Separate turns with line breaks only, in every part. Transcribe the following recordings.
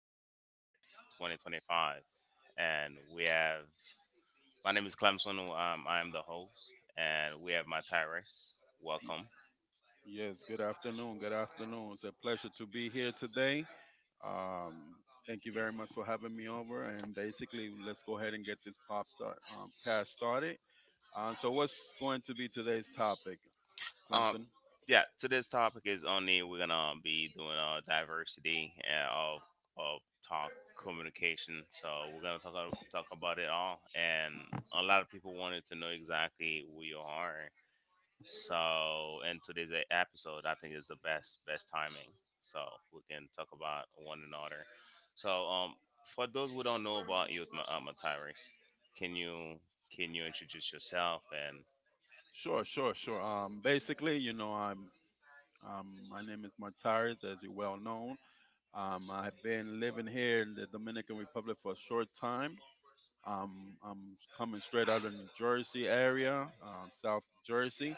December 30th, 2025. And we have, my name is Clemson. I am the host. And we have my Tyrus.
Y-
Welcome.
Yes, good afternoon. Good afternoon. It's a pleasure to be here today. Um, Thank you very much for having me over. And basically, let's go ahead and get this pop start cast started. So, what's going to be today's topic,
Um,
Clemson?
yeah, today's topic is only we're going to be doing diversity and of talk communication. So we're going to talk about it all. And a lot of people wanted to know exactly who you are. So, and today's episode, I think, is the best timing. So we can talk about one another. So, for those who don't know about you, Mataris, can you can you introduce yourself? And
Sure, sure, sure. Basically, I'm my name is Martires, as you well known. I've been living here in the Dominican Republic for a short time. I'm coming straight out of New Jersey area, South Jersey,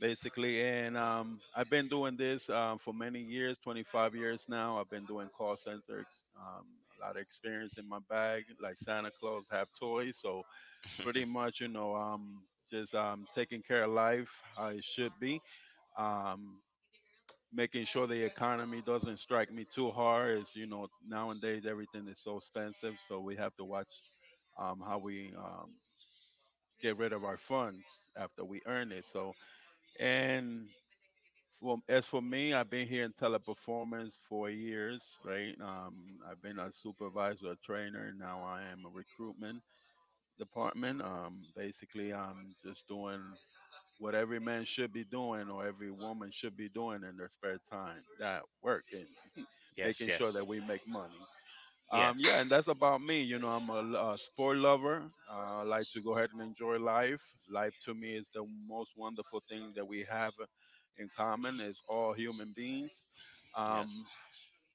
basically. And I've been doing this for many years, 25 years now. I've been doing call center, a lot of experience in my bag, like Santa Claus have toys. So pretty much, just taking care of life how it should be. Um, Making sure the economy doesn't strike me too hard. As you know, nowadays everything is so expensive, so we have to watch how we get rid of our funds after we earn it. So, and for, as for me, I've been here in Teleperformance for years, right? I've been a supervisor, a trainer, and now I am a recruitment department. Basically, I'm just doing what every man should be doing or every woman should be doing in their spare time, that work and
yes,
making sure
yes,
that we make money. Um,
yes,
yeah, and that's about me. I'm a, a sport lover. I like to go ahead and enjoy life. Life to me is the most wonderful thing that we have in common. It's all human beings.
yes,
Um,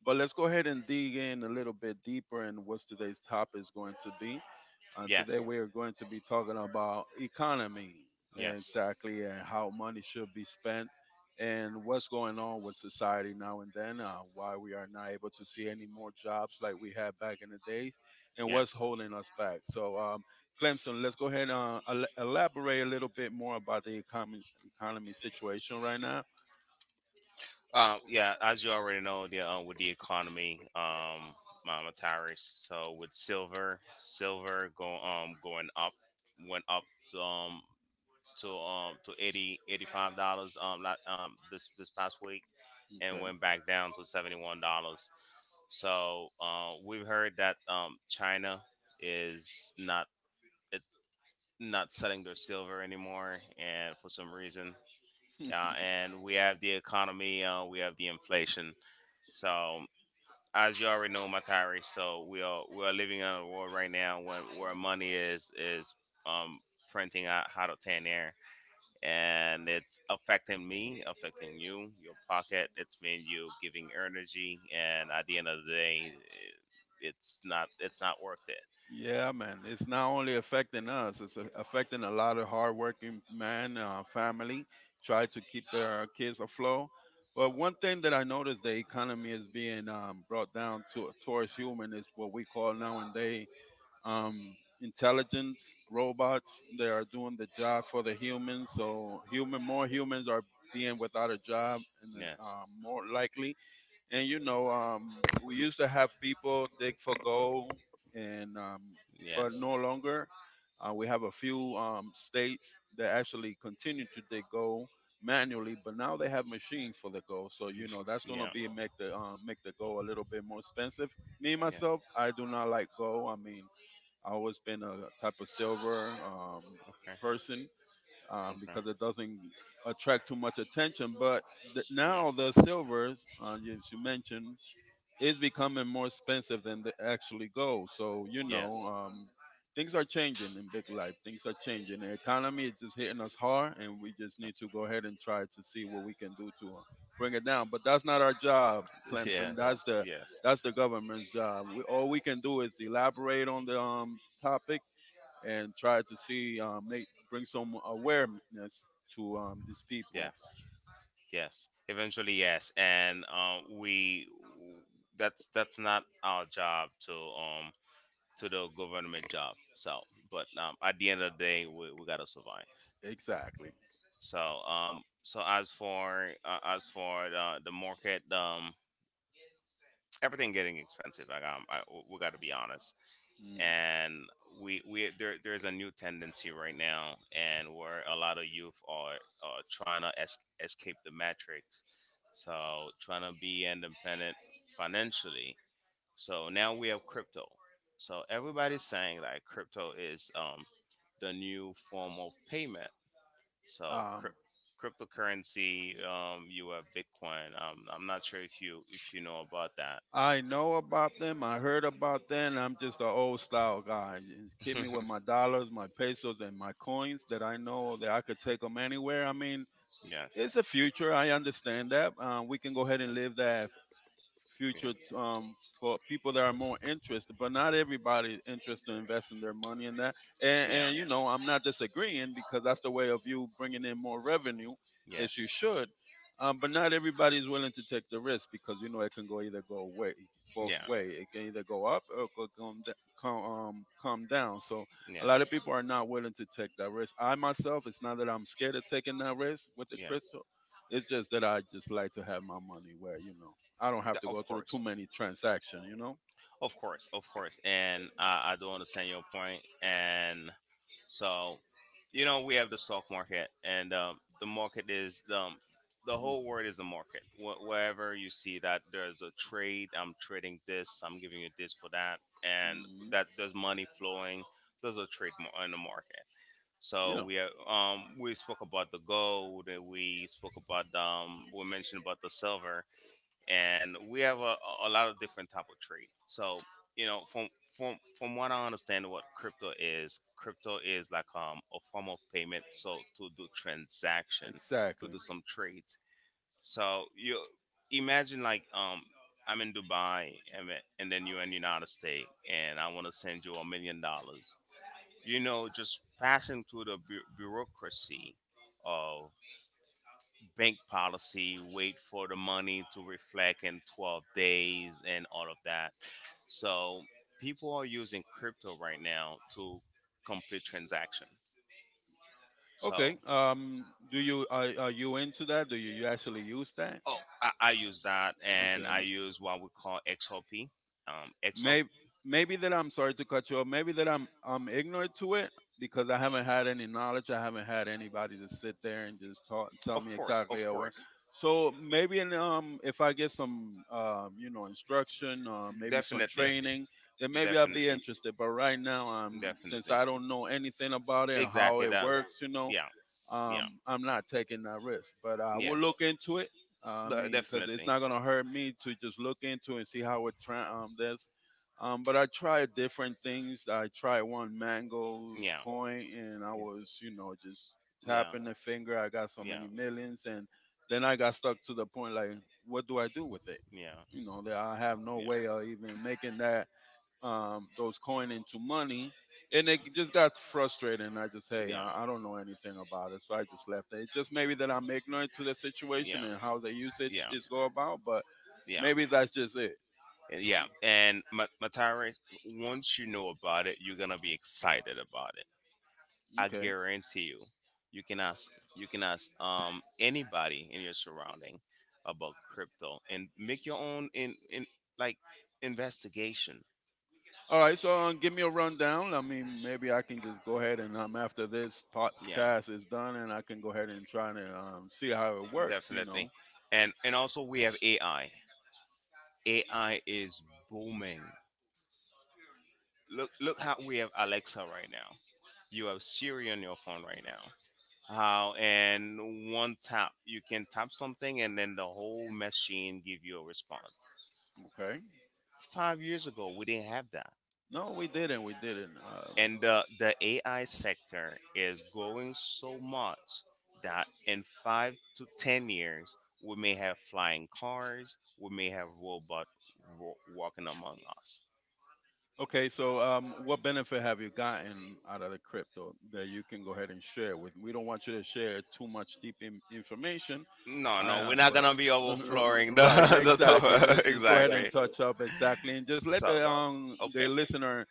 but let's go ahead and dig in a little bit deeper in what today's topic is going to be. Today
yes,
we are going to be talking about economy,
yes,
exactly, and how money should be spent, and what's going on with society now and then, why we are not able to see any more jobs like we had back in the days, and what's
yes.
holding us back. So, Clemson, let's go ahead and elaborate a little bit more about the economy situation right now.
Yeah, as you already know, the with the economy, Mataris. So with silver went up. Um, to 80 85 dollars not this past week, and
Okay.
went back down to 71 dollars. So, we've heard that China is not, it's not selling their silver anymore, and for some reason. Yeah.
Nah.
And we have the economy, we have the inflation. So, as you already know, Matari, so we are living in a world right now where money is um printing out hot out of thin air, and it's affecting me, affecting you, your pocket. It's made you giving energy, and at the end of the day, it- it's not worth it.
The inflation. Yeah, man. It's not only affecting us, it's affecting a lot of hardworking man, family, try to keep their kids afloat. But one thing that I noticed, the economy is being brought down to towards human is what we call nowadays intelligence robots. They are doing the job for the humans, so human more humans are being without a job and then,
Yes,
more likely. And you know, we used to have people dig for gold, and but
yes,
no longer. We have a few states that actually continue to dig gold manually, but now they have machines for the gold. So you know that's gonna
yeah.
be make the gold a little bit more expensive. Me myself, I do not like gold. I mean, I always been a type of silver
Okay,
person
okay,
because it doesn't
yeah,
attract too much attention. But now the silvers, as you mentioned, is becoming more expensive than they actually go. So you know,
yes,
things are changing in big life. Things are changing. The economy is just hitting us hard, and we just need to go ahead and try to see what we can do to bring it down. But that's not our job, Clemson. That's
yes,
the
yes,
that's the government's job. We, all we can do is elaborate on the topic and try to see make bring some awareness to these people.
yes. Yes, eventually, yes, and we that's not our job to the government job. So, but at the end of the day, we gotta survive.
Exactly.
So so as for the market, everything getting expensive. Like, we gotta be honest.
Mm.
And we there there's a new tendency right now, and where a lot of youth are trying to escape the matrix. So trying to be independent financially, so now we have crypto. So everybody's saying like crypto is the new form of payment. So cryp cryptocurrency, you have Bitcoin. I'm not sure if you know about that.
I know about them. I heard about them. I'm just an old style guy. You keep me with my dollars, my pesos, and my coins that I know that I could take them anywhere. I mean,
Yes.
it's the future. I understand that. We can go ahead and live that future for people that are more interested, but not everybody is interested in investing their money in that. And,
Yeah.
and you know, I'm not disagreeing because that's the way of you bringing in more revenue,
As.
as you should. But not everybody is willing to take the risk because you know it can go either go away, both
Yeah.
way. It can either go up or it could come down. So a lot of people are not willing to take that risk. I myself, it's not that I'm scared of taking that
With
risk with the
the. Yes.
crypto. It's just that I just like to have my money where you know I don't have to
Of
go
Too
through too
course.
many transactions, you know?
Of course, of course, and I do understand your point. And so, we have the stock market, and the market is the whole world is a market. Wherever you see that there's a trade, I'm trading this, I'm giving you this for that, and that there's money flowing. There's a trade in the market. So we have, we spoke about the gold, and we mentioned about the silver, and we have a lot of different type of trade. So, you know, from from what I understand, what crypto is like a form of payment. So to do transaction, to do some trades. So you imagine like I'm in Dubai, and then you're in United States, and I want to send you $1 million. Just passing through the bureaucracy, bank policy, wait for the money to reflect in 12 days and all of that. So people are using crypto right now to complete transactions. So,
Okay. Do you are you into that? Do you, you actually use that?
oh, I use that, and I
Okay.
use what we call XRP. XRP
Maybe maybe that, I'm sorry to cut you off. Maybe that I'm ignorant to it because I haven't had any knowledge. I haven't had anybody to sit there and just talk tell me exactly how it works.
course.
So maybe in, if I get some instruction or maybe some training, then maybe I'll be interested. But right now since I
Since
don't know anything about it and how it
you know,
works, you know,
yeah, yeah, I
I'm not taking that risk. But I
will.
will look into it. I
And it's
mean, because it's
definitely.
not gonna hurt me to just look into and see how it this. But I tried different things. I tried one mangoes
Yeah,
coin, and I was, you know, just tapping the finger. I got so many millions, and then I got stuck to the point like, what do I do with it?
maybe.
You know, that I have no
Yeah.
way of even making that those coin into money, and it just got frustrated. And I just, hey,
Yeah.
I don't know anything about it, so I just left it. It's just maybe that I'm ignorant to the
Yeah.
situation and how the usage
Yeah.
is go about, but
Yeah.
maybe that's just it.
It. Yeah. And Matare, once you know about it, you're gonna be excited about it. I
Okay.
guarantee you. You can ask you can ask anybody in your surrounding about crypto, and make your own in like investigation.
All right, so give me a rundown. I mean, maybe I can just go ahead and after this
Yeah,
podcast is done, and I can go ahead and try and see how it works. You
definitely.
know.
And also we have AI. AI is booming. Look how we have Alexa right now. You have Siri on your phone right now. How and one tap you can tap something, and then the whole machine give you a response.
Okay.
5 years ago we didn't have that.
No, we didn't. We didn't.
And the AI sector is growing so much that in 5 to 10 years we may have flying cars, we may have robot walking among us.
Okay. So, what benefit have you gotten out of the crypto that you can go ahead and share with? We don't want you to share too much deep information.
No,
I
no, we're
am,
not
but
gonna be overflowing the
right,
the
exactly.
tower
Just go ahead and
exactly.
touch up exactly, and just let
So,
the
okay,
the listener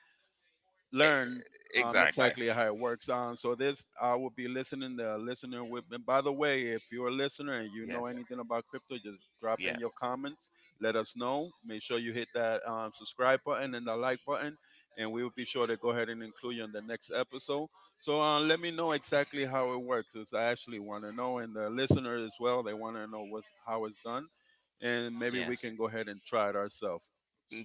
learn
E- exactly.
exactly how it works. So this, I will be listening to listener with. And by the way, if you're a listener and you know
Yes,
anything about crypto, just drop in your
yes,
comments. Let us know. Make sure you hit that subscribe button and the like button, and we will be sure to go ahead and include you in the next episode. So let me know exactly how it works, as I actually want to know, and the listener as well. They want to know what's how it's done, and maybe we
yes.
can go ahead and try it ourselves.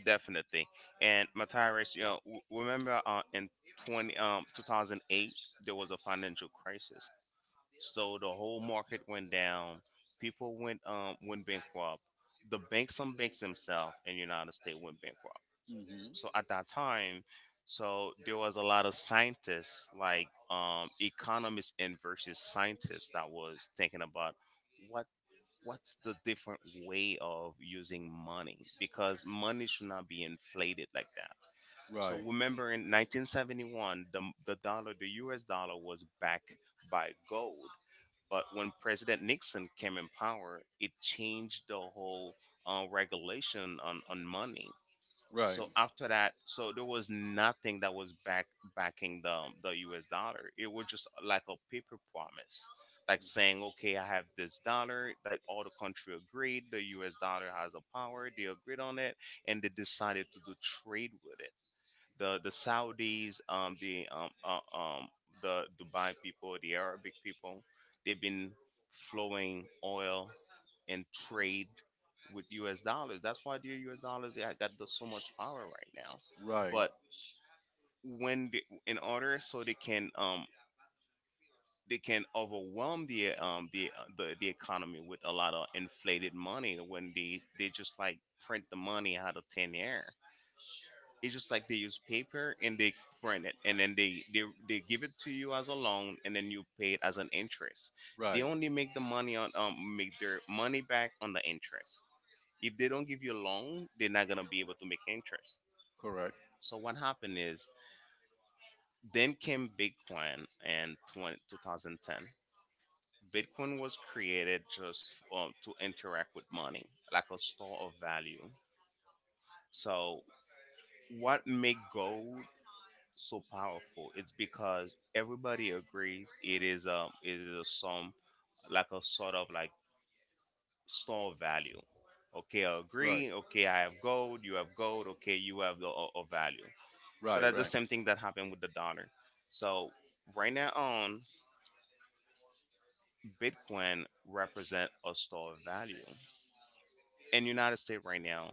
Definitely. And Matthias, you know, remember, in 2008, there was a financial crisis. So the whole market went down. People went bankrupt. The banks, some banks themselves in the United States, went bankrupt.
Hmm.
So at that time, so there was a lot of scientists, like economists and versus scientists, that was thinking about what what's the different way of using money, because money should not be inflated like that. So
So
remember in 1971 the dollar, the US dollar was backed by gold. But when President Nixon came in power, it changed the whole regulation on money. So after that, so there was nothing that was backing the U.S. dollar. It was just like a paper promise, like saying, "Okay, I have this dollar." Like all the country agreed, the U.S. dollar has a power. They agreed on it, and they decided to do trade with it. The Saudis, the Dubai people, the Arabic people, they've been flowing oil and trade with US dollars. That's why the US dollars, yeah, got so much power right now.
right.
But when in order so they can overwhelm the the economy with a lot of inflated money, when they just like print the money out of thin air. It's just like they use paper, and they print it, and then they give it to you as a loan, and then you pay it as an interest. They
They
only make the money on make their money back on the interest. If they don't give you a loan, they're not gonna be able to make interest.
correct.
So what happened is then came Bitcoin in 2010. Bitcoin was created just to interact with money, like a store of value. So what made gold so powerful? It's because everybody agrees it is a sum, like a sort of like store of value. Okay, I agree. Okay, I have gold. You have gold. Okay, you have a value. So
Right.
that's the same thing that happened with the dollar. So right now on Bitcoin represent a store of value. In United States right now,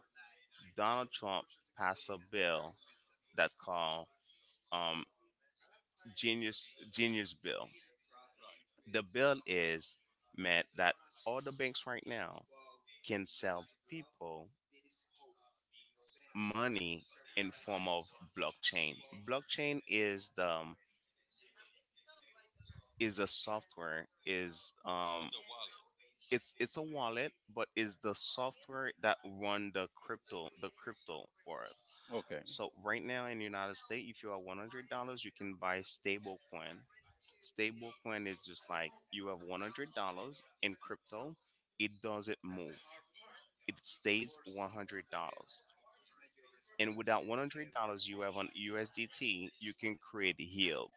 Donald Trump passed a bill that's called um, Genius Bill. The bill is meant that all the banks right now can sell people money in form of blockchain. Blockchain is the is a software, is it's a wallet, but is the software that run the crypto world.
Okay.
So right now in the United States, if you have $100, you can buy stable coin. Stable coin is just like you have $100 in crypto, it doesn't move. It stays $100. And without $100 you have on USDT, you can create yield.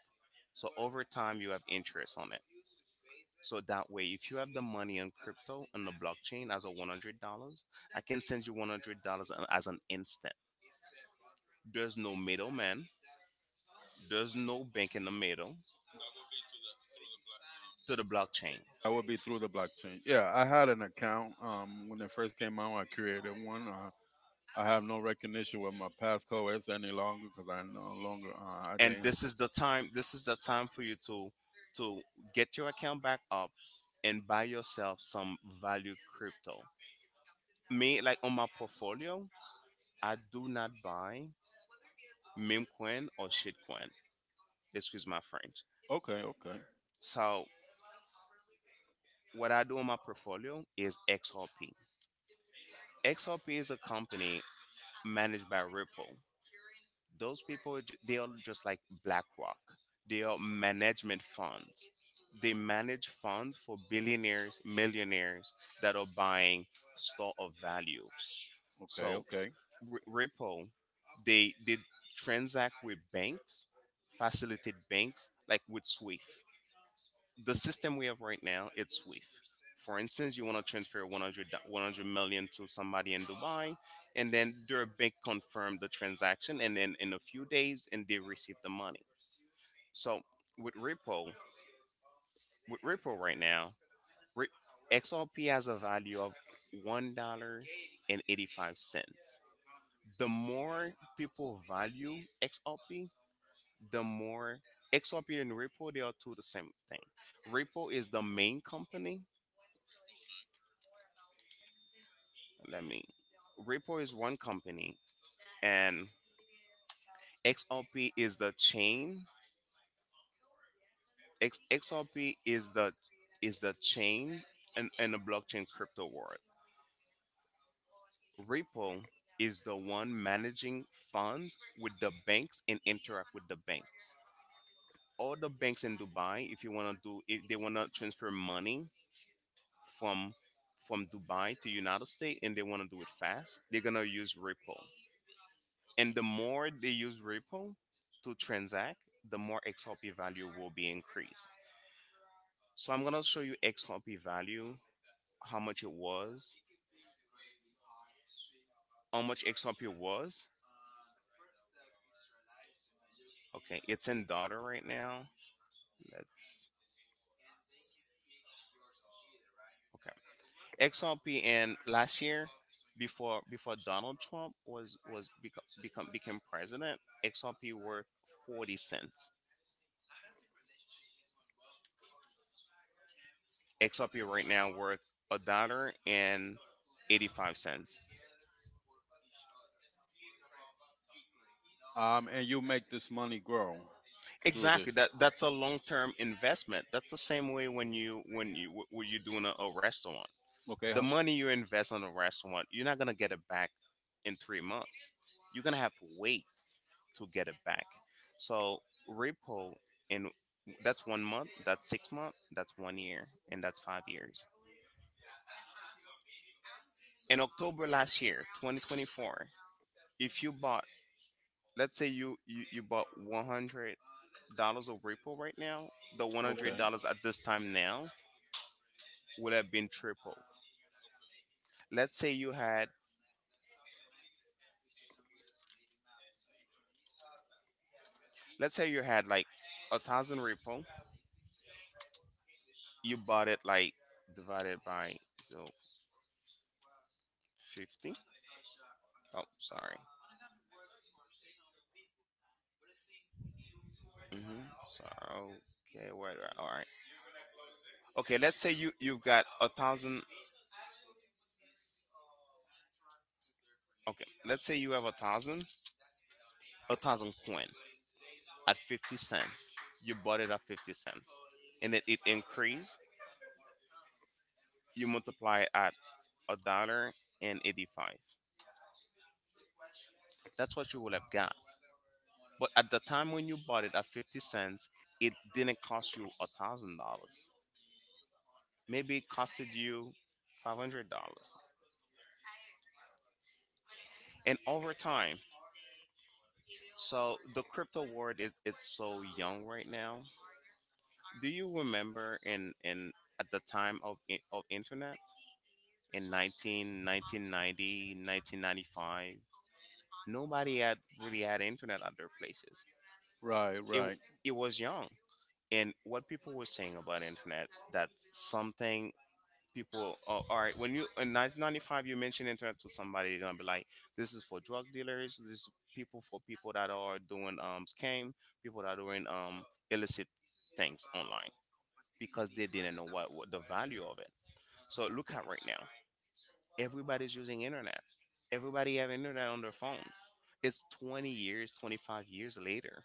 So over time you have interest on it. So that way, if you have the money on crypto and the blockchain as a $100, I can send you $100 as an instant. There's no middleman. There's no bank in the middle to the blockchain.
I would be through the blockchain. Yeah, I had an account when it first came out. I created one. I have no recognition with my passcodes any longer because I no longer I
And
didn't.
this is the time. This is the time for you to get your account back up and buy yourself some value crypto. Me, like on my portfolio, I do not buy meme coin or shit coin. Excuse my French.
Okay, okay,
So what I do on my portfolio is XRP. XRP is a company managed by Ripple. Those people, they are just like BlackRock. They are management funds. They manage funds for billionaires, millionaires that are buying store of value.
okay,
So
okay.
Ripple, they transact with banks, facilitate banks like with SWIFT. The system we have right now, it's SWIFT. For instance, you want to transfer 100 million to somebody in Dubai, and then their bank confirmed the transaction, and then in a few days and they receive the money. So with Ripple, with Ripple right now, re- XRP has a value of $1.85. The more people value XRP, the more XRP and Ripple, they are two the same thing. Ripple is the main company. Let me. Repo is one company, and XRP is the chain. XRP is the chain and the blockchain crypto world. Repo is the one managing funds with the banks and interact with the banks. All the banks in Dubai, if you want to do, if they want to transfer money from from Dubai to United States and they want to do it fast, they're gonna use Ripple. And the more they use Ripple to transact, the more XRP value will be increased. So I'm gonna show you XRP value, how much it was, how much XRP was. Okay, it's in dollar right now. Let's okay. XRP and last year, before Donald Trump was become, become became president, XRP worth 40 cents. XRP right now worth a dollar and 85 cents.
And you make this money grow through this.
Exactly. That's a long term investment. That's the same way when you're doing a restaurant.
Okay.
The
How-
money you invest on a restaurant, you're not gonna get it back in 3 months. You're gonna have to wait to get it back. So repo in that's 1 month, that's 6 months, that's 1 year, and that's 5 years. In October last year, 2024, if you bought, let's say you bought $100 of repo right now, the 100
okay.
dollars at this time now would have been triple. Let's say you had, let's say you had like a thousand Ripple. You bought it like divided by, so 50. Oh, sorry. Mm-hmm. So okay, wait, wait, all right. Okay, let's say you've got a thousand. Okay, let's say you have a thousand coin at 50 cents. You bought it at 50 cents, and it increased. You multiply it at a dollar and 85. That's what you would have got. But at the time when you bought it at 50 cents, it didn't cost you $1,000. Maybe it costed you $500. And over time, so the crypto world, it's so young right now. Do you remember in at the time of internet in 1995? Nobody had really had internet at their places.
Right,
It
right,
it was young. And what people were saying about internet, that something people, oh, all right, when you, in 1995, you mention internet to somebody, they're gonna be like, this is for drug dealers, this is people for people that are doing scam, people that are doing illicit things online, because they didn't know what the value of it. So look at right now, everybody's using internet, everybody have internet on their phone. It's 20 years, 25 years later.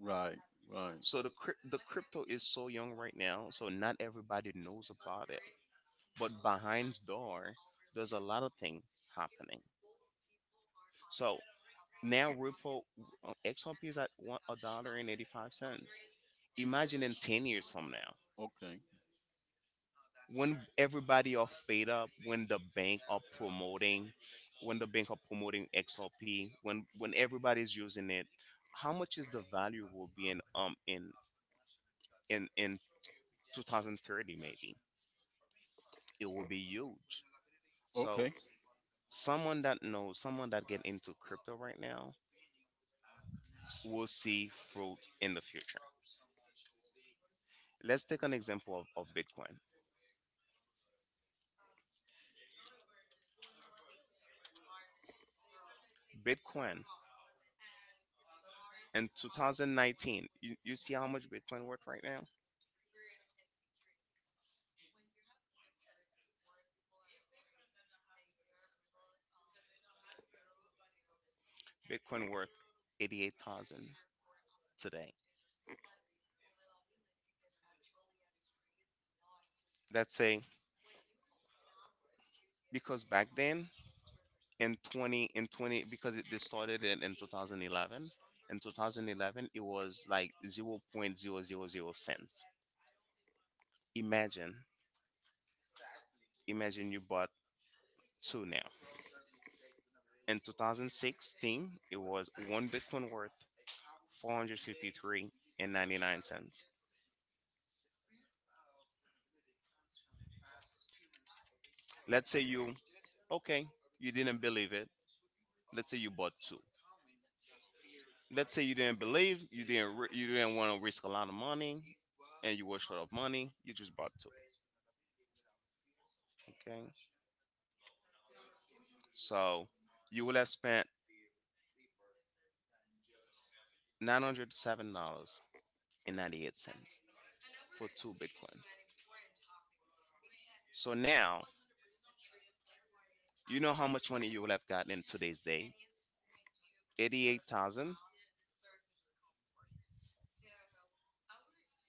right, right.
So the crypto is so young right now, so not everybody knows about it, but behind door, there's a lot of thing happening. So now Ripple, XRP is at one a dollar and 85 cents. Imagine in 10 years from now,
Okay,
when everybody are fed up, when the bank are promoting XRP, when everybody's using it, how much is the value will be in in in 2030 maybe. It will be huge. So
okay.
someone that knows someone that get into crypto right now will see fruit in the future. Let's take an example of Bitcoin. Bitcoin in 2019, you see how much Bitcoin worth right now? Bitcoin worth 88,000 today. That's a because back then, in 20 because it, they started it in 2011. In 2011, it was like 0.000 cents, 000 zero zero cents. Imagine, imagine, you bought two now. In 2016, it was one Bitcoin worth 453 and 99 cents. Let's say you, okay, you didn't believe it. Let's say you bought two. Let's say you didn't believe, you didn't, ri- you didn't want to risk a lot of money, and you were short of money. You just bought two. Okay, so you would have spent $907 and 98 cents for two bitcoins. So now, you know how much money you would have gotten in today's day? 88,000,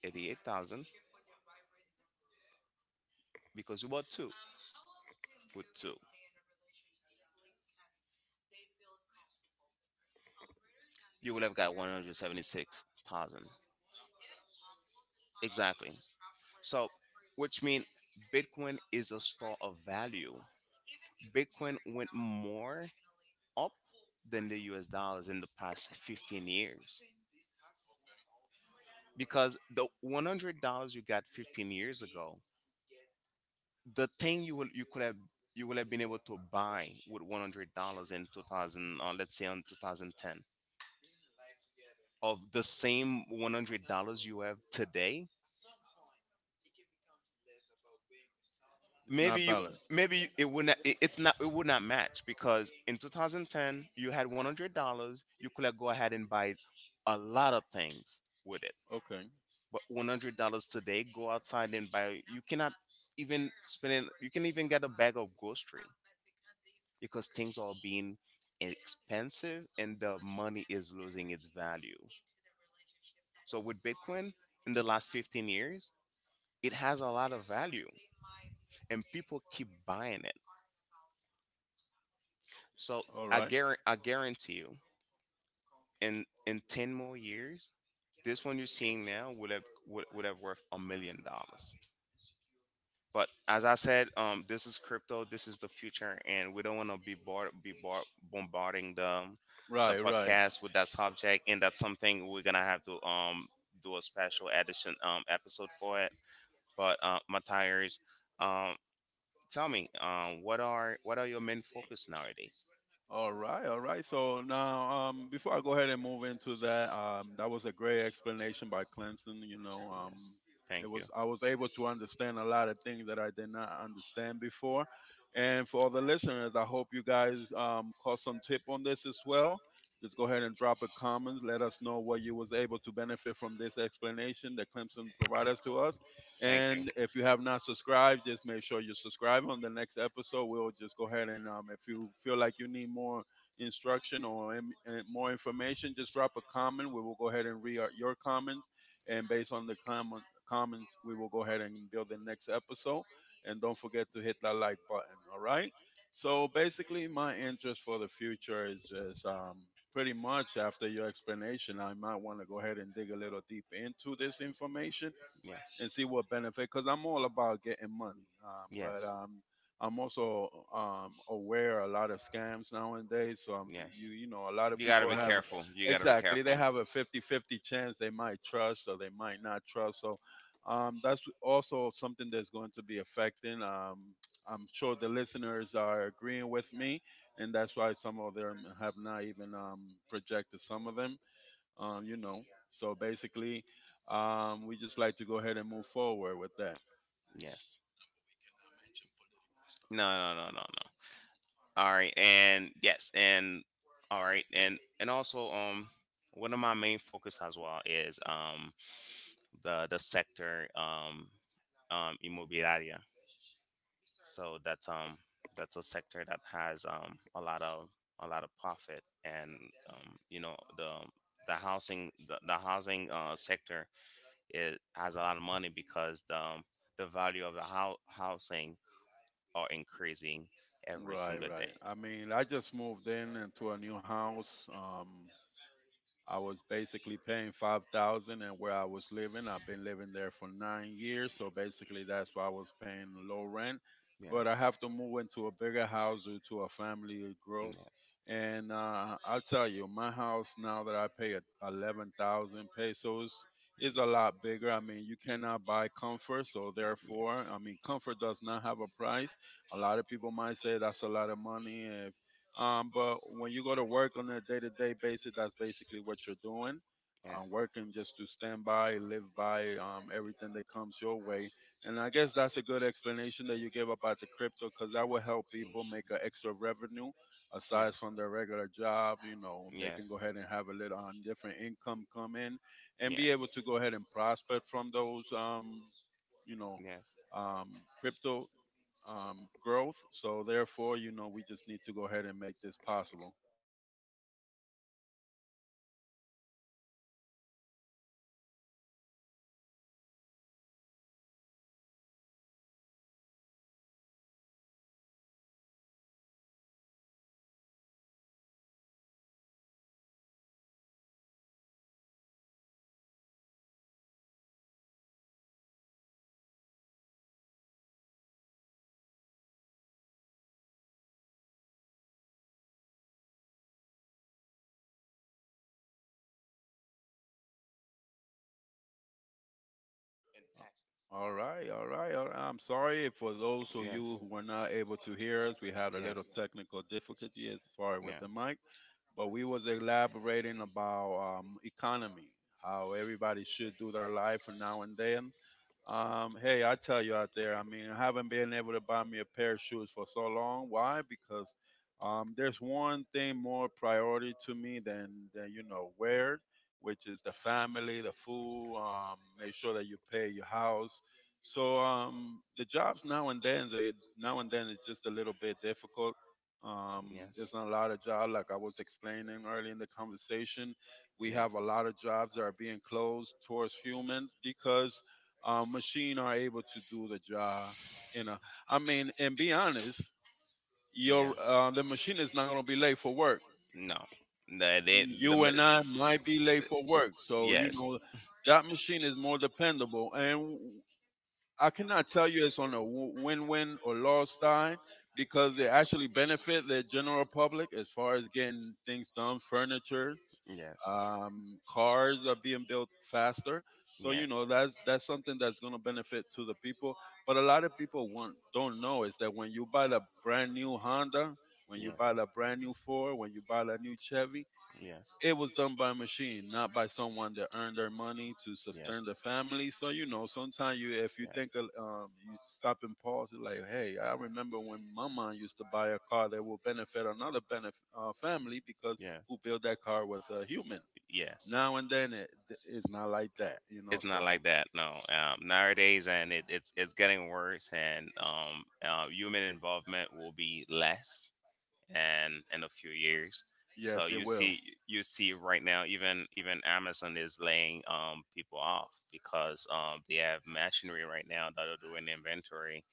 88,000, because you bought two with two. You would have got 176,000. Exactly. So, which means Bitcoin is a store of value. Bitcoin went more up than the US dollars in the past 15 years, because the $100 you got 15 years ago, the thing you will you could have you would have been able to buy with $100 in 2000 let's say on 2010, of the same $100 you have today,
It's
maybe
not
you
balanced.
it would not match, because in 2010 you had $100, you could have go ahead and buy a lot of things with it.
Okay,
But $100 today, go outside and buy, you cannot even spend it, you can even get a bag of grocery, because things are being expensive and the money is losing its value. So with Bitcoin in the last 15 years, it has a lot of value, and people keep buying it. So
all
I
right.
guarantee, I guarantee you, in 10 more years, this one you're seeing now would have would have worth $1 million. But as I said, this is crypto. This is the future, and we don't want to be bombarding the
Right, right.
podcast with that subject. And that's something we're gonna have to do a special edition episode for it. But Matthias, um, tell me, what are your main focus nowadays?
All right, all right. So now, before I go ahead and move into that, that was a great explanation by Clemson. You know,
Yes.
it
Thank you.
was I was able to understand a lot of things that I did not understand before. And for all the listeners, I hope you guys caught some tip on this as well. Just go ahead and drop a comment. Let us know what you was able to benefit from this explanation that Clemson provided us to us.
Thank you.
And if you have not subscribed, just make sure you subscribe on the next episode. We'll just go ahead and if you feel like you need more instruction or more information, just drop a comment. We will go ahead and read our, your comments. And based on the comments, we will go ahead and build the next episode. And don't forget to hit that like button. All right. So basically, my interest for the future is just pretty much after your explanation, I might want to go ahead and dig a little deep into this information
Yes.
and see what benefit because I'm all about getting money but
Yes.
I'm also aware a lot of scams nowadays. So I'm,
Yes.
you know, a lot of
You gotta
people
be
have
careful. You gotta be
exactly
careful.
they have a 50-50 chance they might trust or they might not trust. So that's also something that's going to be affecting I'm sure the listeners are agreeing with me, and that's why some of them have not even projected some of them, um, you know, so basically, we just like to go ahead and move forward with that.
Yes. No, no, no, no, no. All right, and yes, and all right, and also, one of my main focus as well is the sector immobiliaria. So that's, that's a sector that has a lot of, a lot of profit, and the housing sector is has a lot of money, because the value of the housing are increasing every
Right,
single
right.
day.
I mean, I just moved in into a new house. I was basically paying 5,000, and where I was living, I've been living there for 9 years. So basically, that's why I was paying low rent.
Yes.
But I have to move into a bigger house due to a family growth.
Yes.
And I'll tell you, my house now that 11,000 pesos is a lot bigger. I mean, you cannot buy comfort, so therefore, I mean, comfort does not have a price. A lot of people might say that's a lot of money. But when you go to work on a day-to-day basis, that's basically what you're doing. Working just to stand by, live by everything that comes your way. And I guess that's a good explanation that you gave about the crypto because that will help people make an
Mhm.
extra revenue aside from their regular job. You know, they can go
Yes.
ahead and have a little different income come in and be able to go ahead and prosper from those, you know,
Yes. for
crypto growth. So therefore, you know, we just need to go ahead and make this possible. All right, all right, all right. I'm sorry for those
those
of you who
Yes.
were not able to hear us. We had a little technical difficulty as far
Yeah.
with the mic. But we was elaborating about economy, how everybody should do their life from now and then. Hey, I tell you out there, I mean, I haven't been able to buy me a pair of shoes for so long. Why? Because there's one thing more priority to me than where, which is the family, the food. Make sure that you pay your house. So the jobs now and then, now and then, it's just a little bit difficult. There's not a lot of jobs, like I was explaining early in the conversation.
we have
We have a lot of jobs that are being closed towards humans because machine are able to do the job. You know, I mean, and be honest, your the machine is not going to be late for work.
No. The, they, You
You and I might be late for work, so you know that machine is more dependable. And I cannot tell you it's on a win-win or loss side because they actually benefit the general public as far as getting things done, furniture,
Yes.
cars are being built faster. So you know that's something that's going to benefit to the people. But a lot of people want don't know is that when you buy the brand new Honda, when
when
you buy the brand new Ford, when you buy the new Chevy, it was done by machine, not by someone that earned their money to sustain the family. So you know, sometimes if you think, you stop and pause. You're like, hey, I remember when my mom used to buy a car that will benefit another benefit family because
Yeah,
who built that car was a human.
yes.
Now and then, it's not like that, you know.
It's not
So
like that. It's not like that, no. Nowadays, and it's getting worse, and human involvement will be less, and in a few years.
yes,
So
it
you
will.
see, you see right now, even Amazon is laying people off because they have machinery right now that are doing inventory.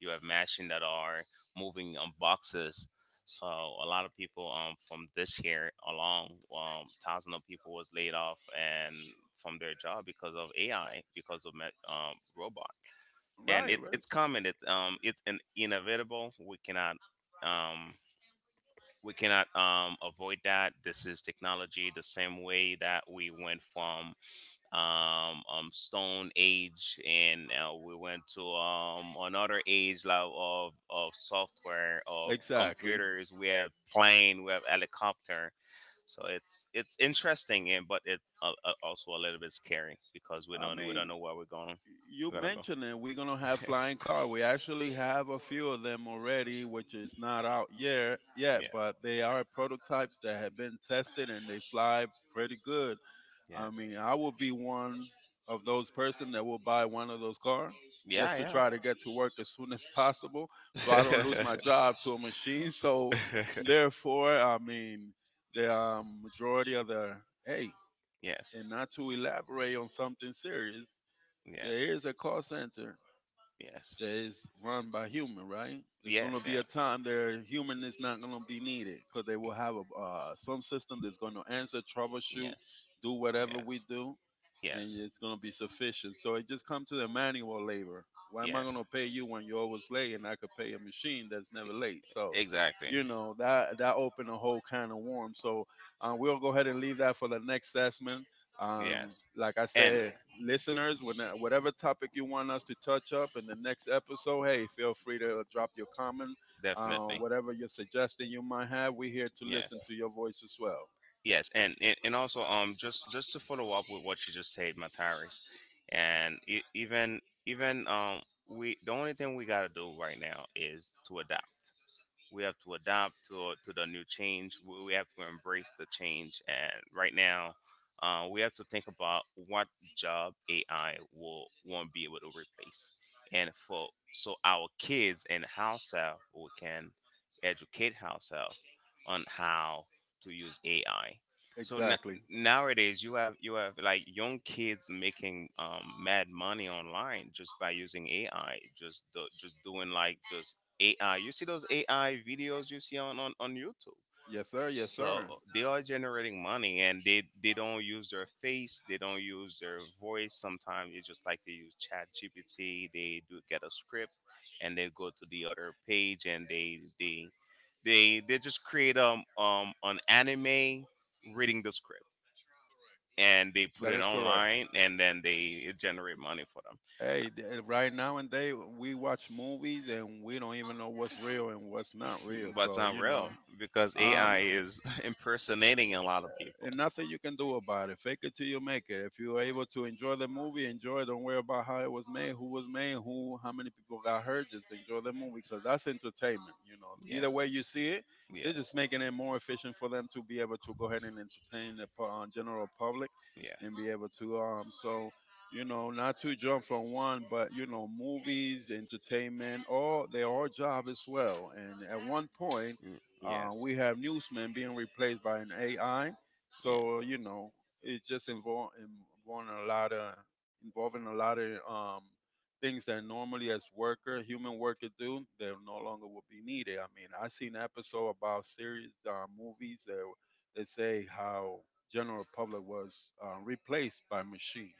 You have machine that are moving boxes. So a lot of people, from this year along, thousands of people was laid off and from their job because of AI, because of robot. And
Right,
it,
right.
it's coming. It's an inevitable. Um, we cannot avoid that. This is technology, the same way that we went from Stone Age, and we went to another age, like, of software, of
Exactly.
computers. We have plane, we have helicopter. So it's interesting, and but it's also a little bit scary, because we
I
don't we don't
mean,
know where we're going.
you
We're gonna go,
mentioned it. We're gonna have
yeah.
flying car. We actually have a few of them already, which is not out yet, but they are prototypes that have been tested and they fly pretty good. I
Yes.
mean, I will be one of those person that will buy one of those cars
Yeah,
just to
yeah.
try to get to work as soon as possible, so I don't lose my job to a machine. So, therefore, I mean, the majority of the hey, and not to elaborate on something serious,
Yes.
there is a call center
Yes.
that is
Yes.
run by human, right? There's going to
Yes.
be a time there human is not going to be needed because they will have some system that's going to answer, troubleshoot,
Yes.
do whatever we do, and it's going to be sufficient. So it just comes to the manual labor. Why am I going to pay you when you're always late and I could pay a machine that's never late? So, you know, that opened a whole can of worms. So we'll go ahead and leave that for the next assessment. Like I
Like,
said, listeners, whatever topic you want us to touch up in the next episode, hey, feel free to drop your comment.
definitely.
Whatever your suggestion you might have, we're here to listen
Yes.
to your voice as well.
Yes, and, and also, just to follow up with what you just said, Mataris. And e- even even we the only thing we gotta do right now is to adapt. We have to adapt to the new change. We have to embrace the change, and right now, we have to think about what job AI will won't be able to replace, and for so our kids and ourselves we can educate ourselves on how to use AI. So, na
Exactly.
nowadays you have like young kids making mad money online, just by using AI, just doing like those AI. You see those AI videos you see on YouTube,
Yes, sir. Yes,
so
sir.
they are generating money, and they don't use their face, they don't use their voice. Sometimes it's just like they use chat gpt, they do get a script, and they go to the other page, and they just create an anime reading the script, and they put
That
it
is correct.
online, and then they generate money for them.
Hey, right now and day, we watch movies and we don't even know what's real and what's not real.
But it's
So
not
you
real,
know,
because
um,
AI is impersonating a lot of people.
and nothing you can do about it. Fake it till you make it. If you are able to enjoy the movie, enjoy it. Don't worry about how it was made, who, how many people got hurt. Just enjoy the movie because that's entertainment. You know, either
Yes.
way you see it, they're
Yes. Yes.
just making it more efficient for them to be able to go ahead and entertain the general public and be able to. So you know, not to jump from one, but you know, movies, entertainment, all they are job as well. And at one point,
Mm, yes.
we have newsmen being replaced by an AI.
Yeah.
So you know, it just involve involving a lot of involving a lot of things that normally as worker human worker do that no longer will be needed. I mean, I seen an episode about series movies that that say how general public was replaced by machine,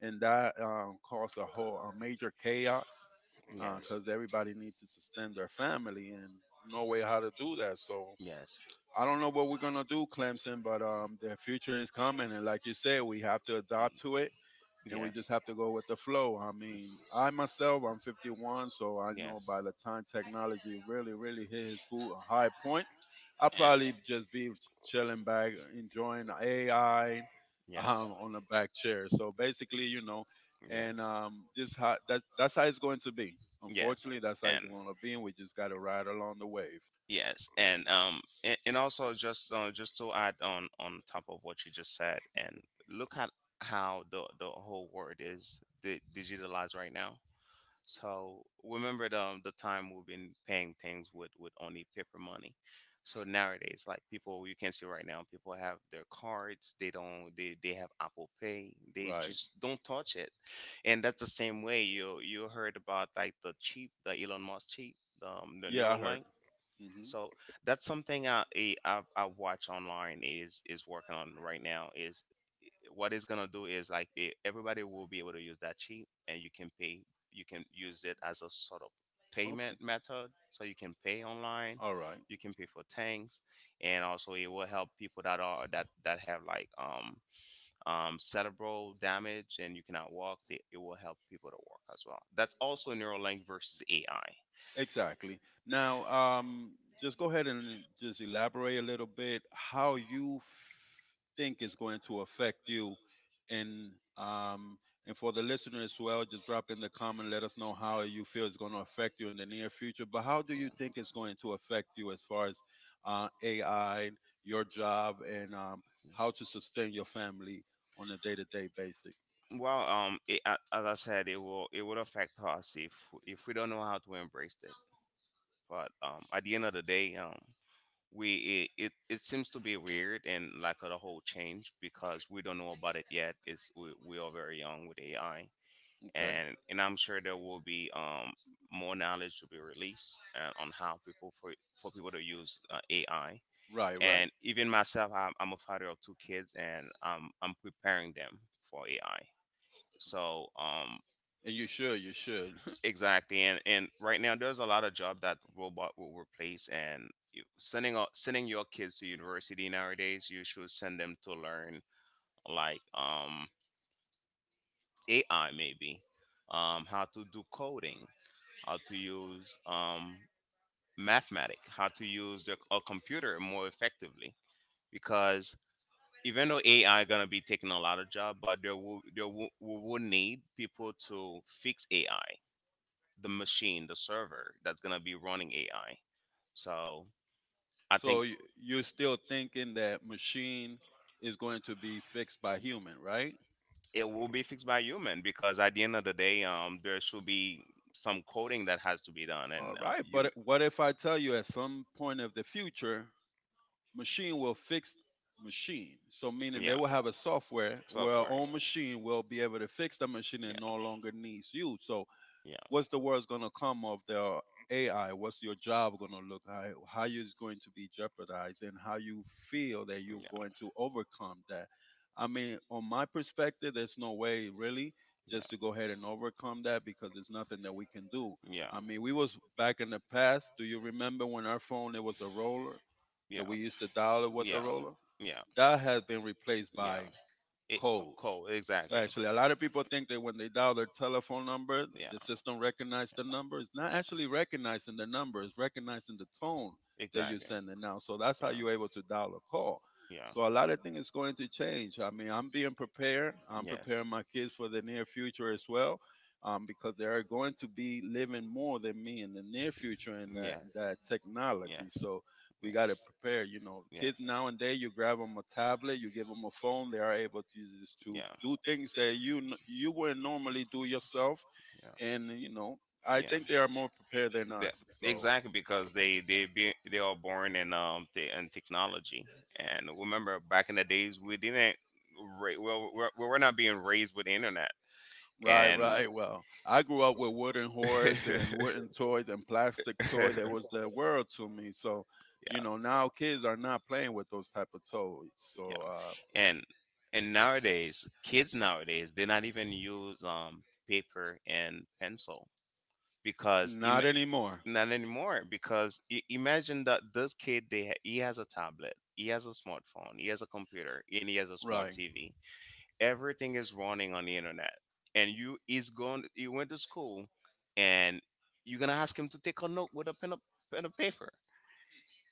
and that caused a major chaos
Yes.
because everybody needs to sustain their family and no way how to do that. So
Yes.
I don't know what we're gonna do, Clemson, but the future is coming, and like you said, we have to adapt to it, and we just have to go with the flow. I mean, I myself, I'm 51, so I know
Yes.
by the time technology really,
Yes.
really hit his full a high point, I'll
And
probably just be chilling back, enjoying AI,
yes,
on a back chair. So basically, you know, and this how that's how it's going to be.
yes,
Unfortunately,
yes,
that's how it's
and
going to be, and we just got to ride along the wave.
yes, and and also, just to add on top of what you just said, and look at how the whole world is digitalized right now. So remember the time we've been paying things with only paper money. So nowadays, like, people, you can see right now, people have their cards. They don't. They have Apple Pay. They
Right.
just don't touch it. And that's the same way you heard about, like, the cheap, the Elon Musk cheap, the
Yeah, I heard.
Neuralink.
hmm
So that's something I watch online is working on right now is what it's gonna do is like it, everybody will be able to use that cheap and you can pay you can use it as a sort of
Okay.
payment method, so you can pay online.
All right.
You can pay for things, and also it will help people that are that that have like cerebral damage and you cannot walk. It will help people to walk as well. That's also Neuralink versus AI.
Exactly. Now, just go ahead and just elaborate a little bit how you think is going to affect you, and um, and for the listener as well, just drop in the comment. Let us know how you feel is going to affect you in the near future. But how do
Yeah.
you think it's going to affect you as far as AI, your job, and how to sustain your family on a day-to-day basis?
Well, as I said, it will it would affect us if we don't know how to embrace it. But at the end of the day, it seems to be weird and like a whole change because we don't know about it yet. It's we are very young with AI,
Okay.
and I'm sure there will be more knowledge to be released on how people for people to use AI.
Right. Right.
And even myself, I'm a father of two kids, and I'm preparing them for AI. so um
And you should. You should.
exactly, and right now there's a lot of job that robot will replace, and sending your kids to university nowadays, you should send them to learn like AI, maybe how to do coding, how to use mathematics, how to use a computer more effectively, because even though AI gonna be taking a lot of job, but we will need people to fix AI, the machine, the server that's gonna be running AI. So I
So you're still thinking that machine is going to be fixed by human, right?
it will be fixed by human, because at the end of the day, there should be some coding that has to be done,
All
and but
right,
you
but what if I tell you at some point of the future, machine will fix machine? So meaning they will have a software where our own machine will be able to fix the machine and no longer needs you. So
yeah.
what's the worst gonna come of the AI? What's your job gonna look like? How you is going to be jeopardized, and how you feel that you're going to overcome that? I mean, on my perspective, there's no way really just to go ahead and overcome that because there's nothing that we can do.
Yeah.
I mean, we was back in the past. Do you remember when our phone it was
Word.
a roller
Yeah.
that we used to dial it with the roller?
Yeah.
That has been replaced by codes.
So
So
exactly.
actually, a lot of people think that when they dial their telephone number,
Yeah.
the system recognizes the number. It's not actually recognizing the number; it's recognizing the tone
You
that you're sending now. So that's how
yeah.
you're able to dial a call.
Yeah.
So a lot of things is going to change. I mean, I'm being prepared.
I'm
I'm
yes.
preparing my kids for the near future as well, because they are going to be living more than me in the near future in
Yes.
that technology.
Yes.
So we got to prepare. You know,
Yeah.
kids nowadays, you grab them a tablet, you give them a phone, they are
To.
able to just to
Yeah.
do things that you wouldn't normally do yourself,
Yeah.
and you know, I
Yeah.
think they are more prepared than
The-
us. So.
exactly, because they are born in in technology, and remember back in the days we didn't well we we're not being raised with the internet
Right,
and
right. Well, I grew up with wooden horse and wooden toys and plastic toy that was the world to me. So, you
yeah.
know, now kids are not playing with those type of toys.
So, yeah.
So,
And nowadays, kids nowadays they not even use paper and pencil, because not, ima-
not
anymore.
anymore.
Not anymore, because imagine that this kid he has a tablet, he has a smartphone, he has a computer, and he has a smart
Right.
TV. Everything is running on the internet. And you is going you went to school, and you're going to ask him to take a note with a, pen and paper,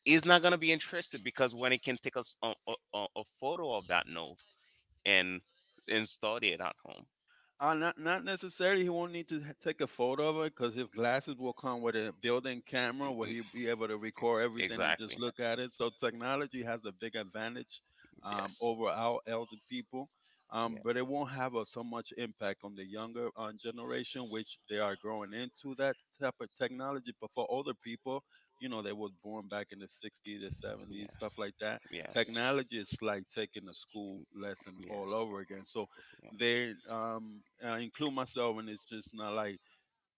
is not going to be interested because when it can take us a photo of that note and study it at home.
Not necessarily. He won't need to take a photo of it because his glasses will come with a built-in camera where
Mm,
he'll be able to record everything and just
exactly.
look at it. So technology has a big advantage,
Yes.
over our elder people, but
Yes.
it won't have a, so much impact on the younger generation, which they are growing into that type of technology. But for older people, you know, they was born back in the sixties, the seventies, stuff like that.
Yes.
Technology is like taking a school lesson
Yes.
all
Yes.
over again. So
Yes.
they I include myself, and it's just not like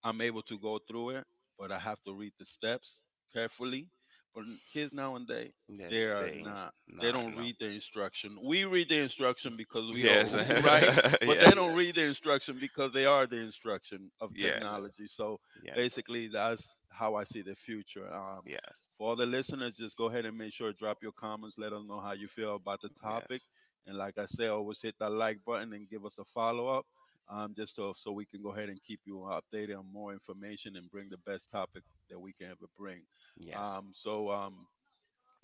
I'm able to go through it, but I have to read the steps carefully. But kids nowadays, they
Yes,
are
they
not. They
not
don't
no.
read the instruction. We read the instruction because we
Yes,
owe, right?
yes,
But they
yes,
don't read the instruction because they are the instruction of
yes,
technology. So basically, that's how I see the future.
yes,
For all the listeners, just go ahead and make sure drop your comments. Let us know how you feel about the topic. And like I said, always hit that like button and give us a follow up, just so we can go ahead and keep you updated on more information and bring the best topic that we can ever bring.
yes,
Um,
yes.
so, um,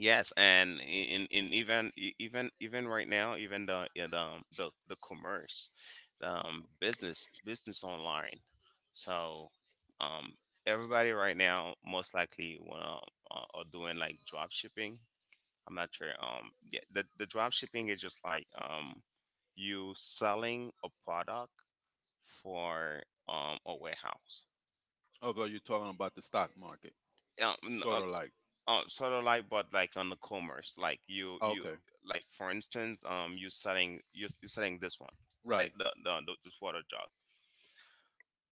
Yes, and in even e- even even right now, even the yeah, the the commerce, the, business online. So, um, everybody right now, most likely well are doing like drop shipping. I'm not sure. Yeah, the drop shipping is just like you selling a product for a warehouse.
Although you're talking about the stock market,
Um,
sort of like,
sort of like, but like on the commerce like you
okay,
like, for instance, you you selling this one like
right,
the this water jug.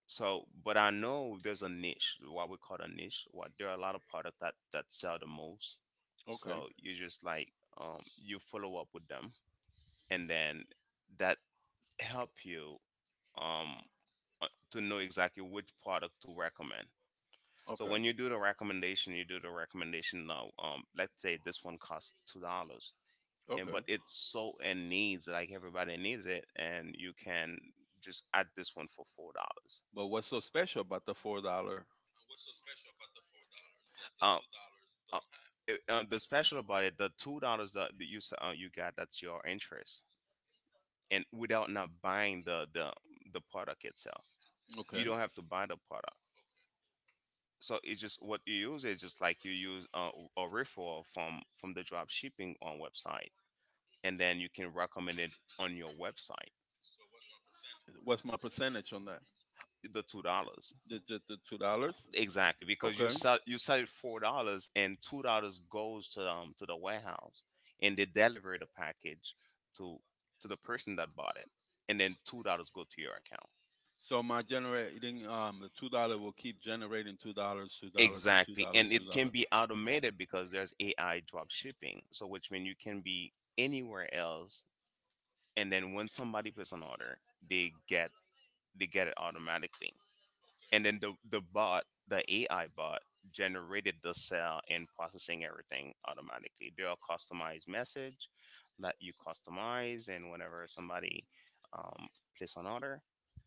So, but I know there's a niche, what we call a niche, what there are a lot of products that sell the most.
okay, okay,
So you just like you follow up with them, and then that help you um to know exactly which product to recommend. So
okay.
when you do the recommendation, you do the recommendation now. Let's say this one costs $2, and but it's so in needs, like everybody needs it, and you can just add this one for $4.
But what's so special about the $4?
Um, uh, the special about it, the $2 that you got, that's your interest, and without not buying the product itself, you
Okay.
don't have to buy the product. So it's just what you use is just like you use a referral from the drop shipping on website, and then you can recommend it on your website.
What's my percentage on that?
The $2
The $2?
exactly, because
Okay.
you sell it $4 and $2 goes to the warehouse, and they deliver the package to the person that bought it, and then $2 go to your account.
So my generating the $2 will keep generating $2, $2, and two
Exactly,
dollars,
and it
two
can
dollars.
be automated, because there's AI drop shipping, so which means you can be anywhere else, and then when somebody puts an order, they get it automatically, and then the bot, the AI bot, generated the cell and processing everything automatically. There are customized message that you customize, and whenever somebody um, place an order,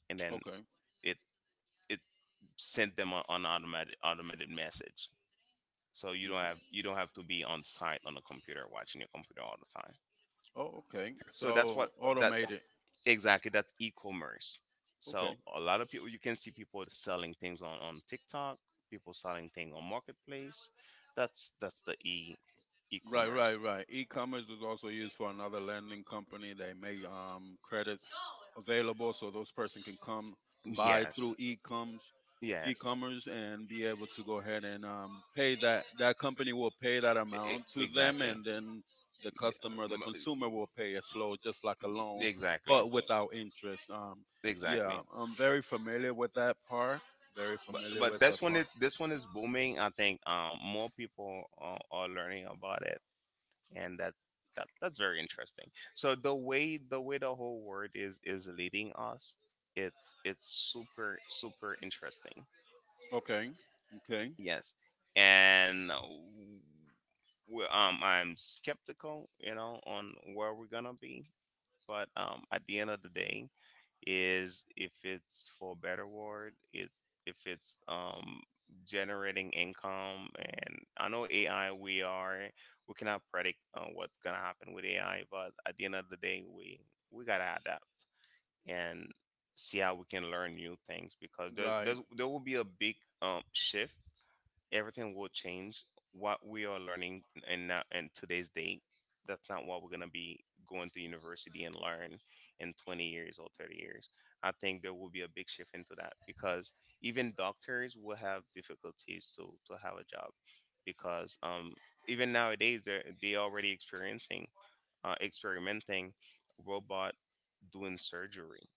and then
Okay.
it it sent them a- an automated automated message. So you don't have
Okay.
to be on site on a computer watching your computer all the time.
Oh, okay.
So that's
So
what that
automated.
exactly, that's e-commerce. So
Okay.
a lot of people, you can see people selling things on TikTok, people selling things on marketplace. That's the e
Right,
e-commerce.
right, right. E-commerce is also used for another lending company. They make, credits available so those person can come buy
Yes.
through e-coms,
Yes.
e-commerce and be able to go ahead and, pay that. That company will pay that
E- e-
amount to them,
exactly.
and then the customer, the
M-
consumer, will pay it slow, just like a loan,
exactly.
but without interest.
Exactly.
Yeah, I'm very familiar with that part. Very
But
familiar with that
this one
part.
is booming. I think more people are learning about it, and that's very interesting. So the way the whole world is leading us, it's super super interesting.
Okay, okay.
Yes, and I'm skeptical, you know, on where we're gonna be, but at the end of the day. Is if it's for a better word, it's if it's generating income, and I know AI, we are we cannot predict what's gonna happen with AI, but at the end of the day, we gotta adapt and see how we can learn new things, because
Right.
there will be a big shift. Everything will change. What we are learning and now and today's date, that's not what we're gonna be going to university and learn in 20 years or 30 years. I think there will be a big shift into that, because even doctors will have difficulties to have a job, because even nowadays they're they already experiencing experimenting robot doing surgery.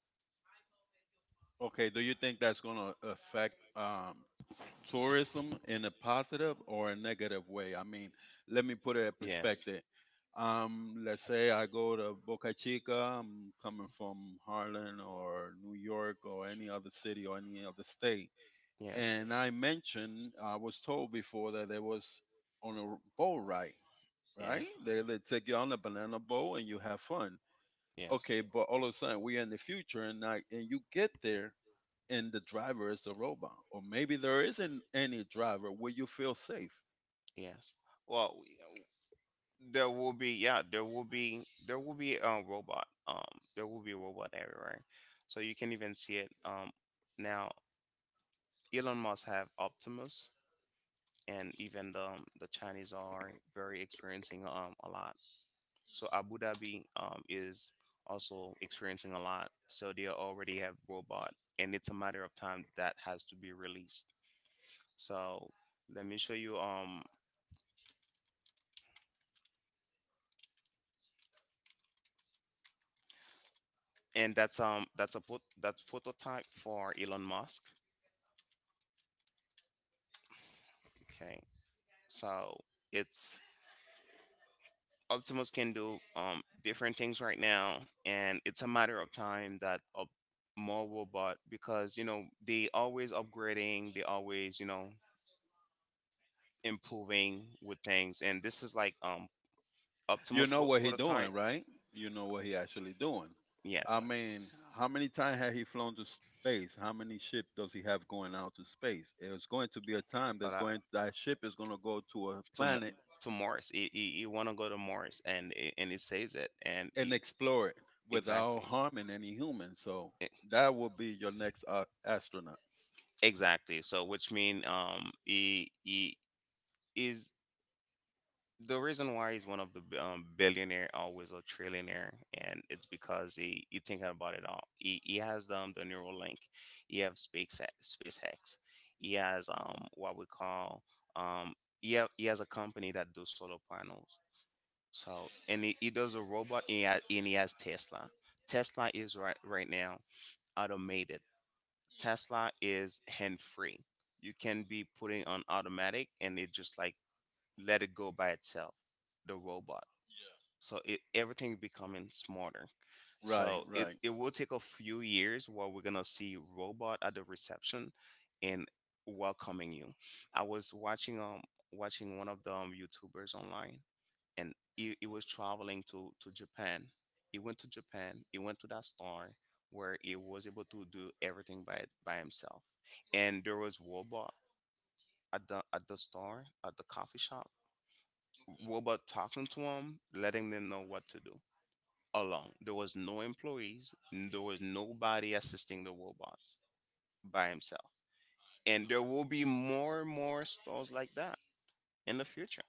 Okay, do you think that's going to affect tourism in a positive or a negative way? I mean, let me put it in, yes,
Yes.
perspective. Let's say I go to Boca Chica, I'm coming from Harlem or New York or any other city or any other state.
Yes.
And I mentioned, I was told before that there was on a boat ride, right?
Yes.
They take you on a banana boat and you have fun.
Yes.
Okay, but all of a sudden we're in the future and you get there and the driver is a robot, or maybe there isn't any driver. Will you feel safe?
You yes. Well, there will be yeah, there will be a robot. There will be a robot everywhere, so you can even see it. Now Elon Musk have Optimus, and even the Chinese are very experiencing a lot. So Abu Dhabi is also experiencing a lot. So they already have robot, and it's a matter of time that has to be released. So let me show you. And that's a put that's prototype for Elon Musk. Okay, so it's Optimus can do different things right now, and it's a matter of time that up more robot, because you know they always upgrading, they always, you know, improving with things, and this is like
You
Optimus
know what he
the time,
doing, right? You know what he actually doing.
yes.
I mean, how many times has he flown to space? How many ships does he have going out to space? It's going to be a time
But
that ship is going to go to a
to Mo-
planet
to Morris, he want to go to Morris, and and he says it, and he,
and explore it without
exactly.
harming any human. So
E-
that will be your next astronaut.
exactly. So, which mean he is the reason why he's one of the billionaire always a trillionaire, and it's because he, you thinking about it, all he has the Neuralink, he have space SpaceX, he has what we call um he has a company that does solar panels. So, and he does a robot, and and he has Tesla. Tesla is right now automated. Tesla is hand free. You can be putting on automatic, and it just like let it go by itself. The robot. So it everything becoming smarter.
Right,
So it,
right.
it will take a few years where we're gonna see robot at the reception and welcoming you. I was watching watching one of the YouTubers online, and he was traveling to Japan. He went to Japan, he went to that store where he was able to do everything by himself, and there was robot at the store at the coffee shop, robot talking to him, letting them know what to do alone. There was no employees, there was nobody assisting the robot. By himself. And there will be more and more stores like that in the future.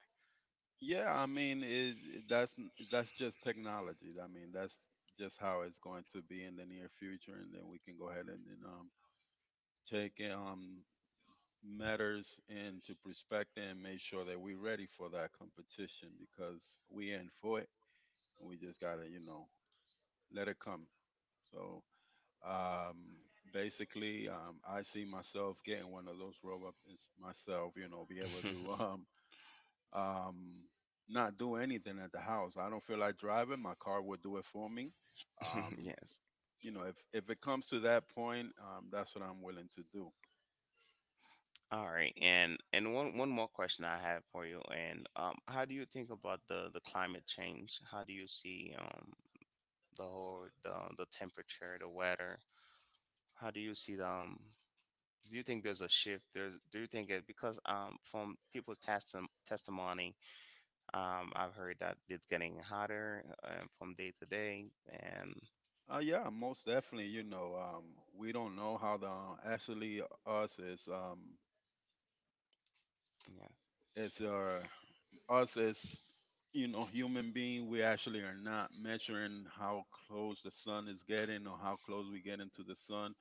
Yeah, I mean, that's that's just technology. I mean, that's just how it's going to be in the near future, and then we can go ahead and, then take matters into perspective and make sure that we're ready for that competition because we in for it. We just gotta, you know, let it come. So um, basically, I see myself getting one of those robots myself. You know, be able to um, not do anything at the house. I don't feel like driving. My car will do it for me. Um,
yes.
you know, if it comes to that point, that's what I'm willing to do.
All right. And one more question I have for you. And how do you think about the climate change? How do you see the whole the temperature, the weather? How do you see the do you think there's a shift there's do you think it because from people's testimony? I've heard that it's getting hotter from day to day. And
Yeah, most definitely. You know, we don't know how the actually us
yeah.
is our us is you know, human being, we actually are not measuring how close the sun is getting or how close we get into the sun.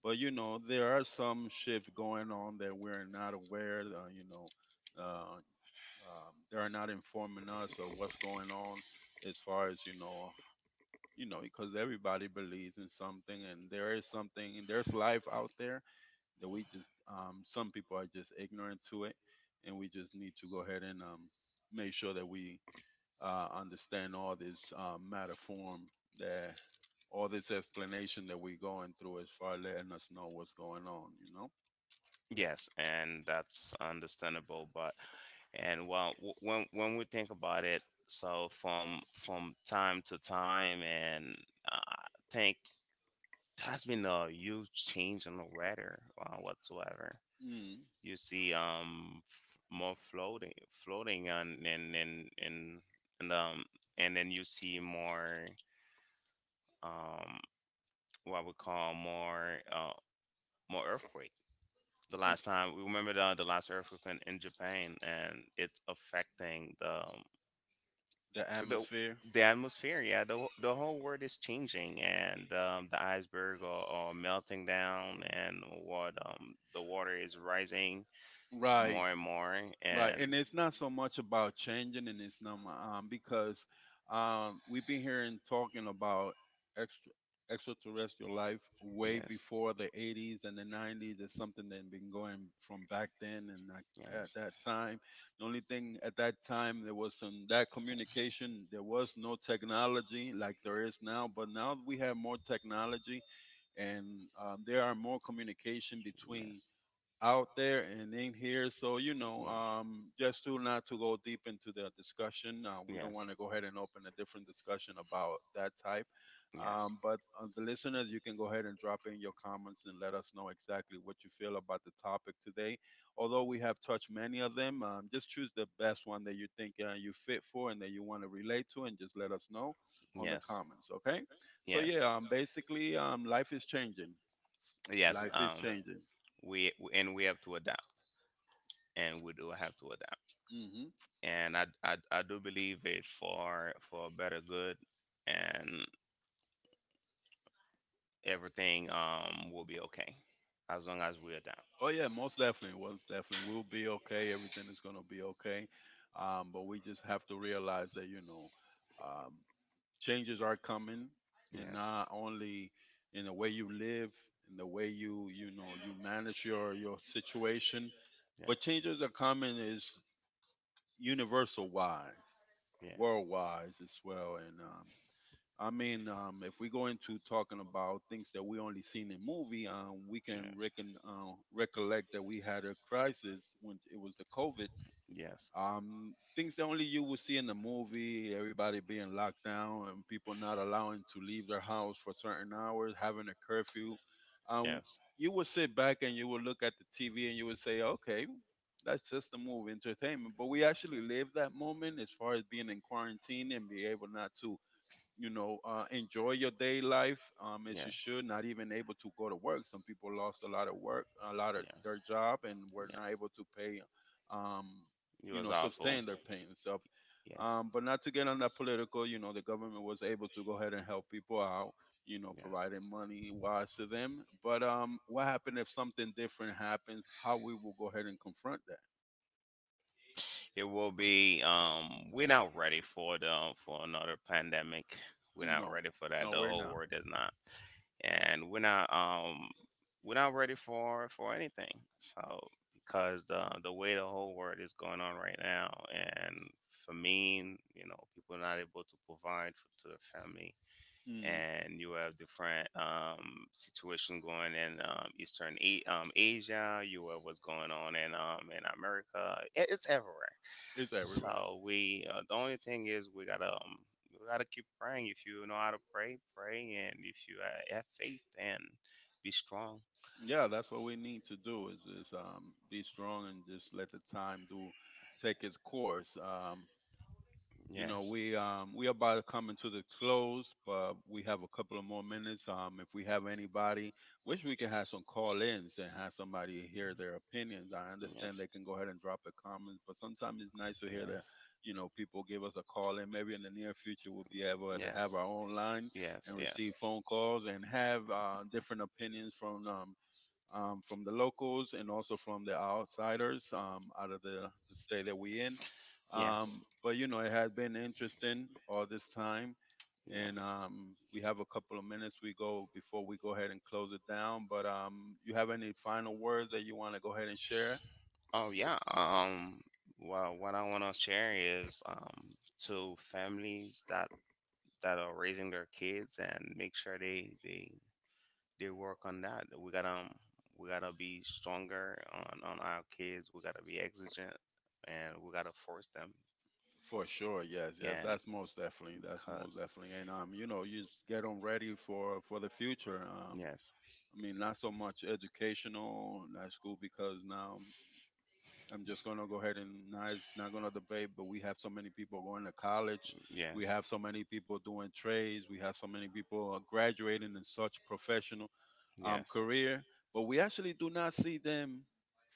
But you know, there are some shift going on that we're not aware. You know, they are not informing us of what's going on as far as you know. You know, because everybody believes in something, and there is something, and there's life out there that we just, some people are just ignorant to it, and we just need to go ahead and, make sure that we, understand all this, matter form that all this explanation that we're going through as far as letting us know what's going on, you know?
Yes, and that's understandable. But and well when we think about it, so from time to time, and I think there has been a huge change in the weather, whatsoever.
Mm.
You see more floating and um and then you see more, um what we call more more earthquake. The last
Ex-
time we remember the last earthquake in Japan, and it's affecting the
the
the
atmosphere.
the atmosphere, yeah, the whole world is changing. And the iceberg are melting down, and what the water is rising
Right.
more and more
Right,
and
and it's not so much about changing, and it's not my, because we've been hearing talking about extra extraterrestrial life way
yes. Yes.
before the 80s and the 90s. It's something that been going from back then and like
Yes. Yeah.
at
Yes.
that time. The only thing at that time there was some that communication. There was no technology like there is now, but now we have more technology, and there are more communication between
Yes.
out there and in here. So you know, just to not to go deep into the discussion, we don't
Yes.
want to go ahead and open a different discussion about that type.
Yes.
But The listeners, you can go ahead and drop in your comments and let us know exactly what you feel about the topic today. Although we have touched many of them, just choose the best one that you think you fit for and that you want to relate to, and just let us know on the comments. Okay? So yeah, basically, life is changing.
Yes.
Life is changing.
And we have to adapt. And we do have to adapt.
Hmm.
And I do believe it, for a better good, and everything will be okay as long as we adapt.
Oh yeah, most definitely, we'll be okay. Everything is gonna be okay, but we just have to realize that you know, um, changes are coming, and
Yes.
not only in the way you live, in the way you know you manage your situation,
Yeah.
but changes are coming is universal wise, worldwide as well, and I mean, if we go into talking about things that we only seen in movie, we can recollect that we had a crisis when it was the COVID.
Yes. Yes. Yes.
Things that only you would see in the movie, everybody being locked down and people not allowing to leave their house for certain hours, having a curfew. Um,
Yes.
you would sit back and you would look at the TV and you would say, okay, that's just a movie, entertainment. But we actually lived that moment as far as being in quarantine and be able not to you know, enjoy your day life, as you should. Not even able to go to work. Some people lost a lot of work, a lot of their job, and were not able to pay, um,
It
you
was.
know, sustain their pay and stuff.
Yes.
But not to get on that political, you know, the government was able to go ahead and help people out, you know, providing money wise to them. But what happened if something different happens? How we will go ahead and confront that?
It will be. We're not ready for the for another pandemic. We're not
No,
ready for that.
no,
The
we're
whole
not.
world is not, and we're not. We're not ready for anything. So because the way the whole world is going on right now, and famine, people not able to provide for, to their family, and you have different situation going in Eastern Asia. You have what's going on in America. It, it's everywhere.
It's
So we the only thing is we gotta keep praying. If you know how to pray, pray, and if you have faith, then be strong.
we Yeah, that's what we need to do is, be strong and just let the time do take its course. You know,
Yes.
we about coming to the close, but we have a couple of more minutes. If we have anybody, wish we could have some call-ins and have somebody hear their opinions. I understand they can go ahead and drop a comment, but sometimes it's nice to hear that, you know, people give us a call in. Maybe in the near future we'll be able to have
Yes.
our own line
Yes. Yes.
and
Yes. Yes.
receive phone calls and have different opinions from the locals and also from the outsiders out of the state that we're in.
Yes.
But you know, it has been interesting all this time, and
Yes.
we have a couple of minutes we go before we go ahead and close it down. But you have any final words that you want to go ahead and share?
Oh yeah. Well, what I want to share is to families that that are raising their kids, and make sure they work on that. We gotta be stronger on our kids. We gotta be exigent, and we gotta force them.
For sure, yes, yes,
And
that's most
because
definitely, and you know, you just get them ready for the future.
yes.
I mean, not so much educational, not school, because now I'm just going to go ahead and not, it's not going to debate, but we have so many people going to college. We
Yes.
have so many people doing trades. We have so many people graduating in such professional
Yes.
career, but we actually do not see them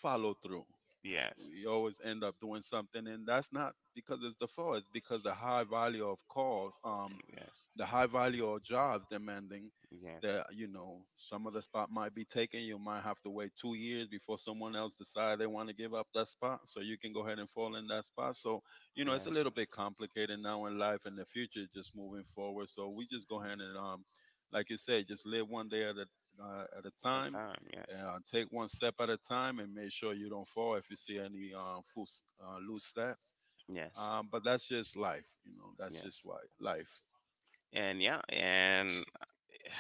follow through.
Yes.
We always end up doing something, and that's not because it's the fault. It's because the high value of calls,
Yes.
the high value of jobs demanding
Yes.
that, you know, some of the spot might be taken. You might have to wait 2 years before someone else decide they want to give up that spot so you can go ahead and fall in that spot. So, you
Yes.
know, it's a
Yes.
little bit complicated now in life and the future just moving forward. So we just go ahead and like you say, just live one day at a
A
time.
time. Yes.
Take one step at a time and make sure you don't fall if you see any full, loose steps,
Yes.
but that's just life, you know, that's just
Yes.
why life.
And yeah, and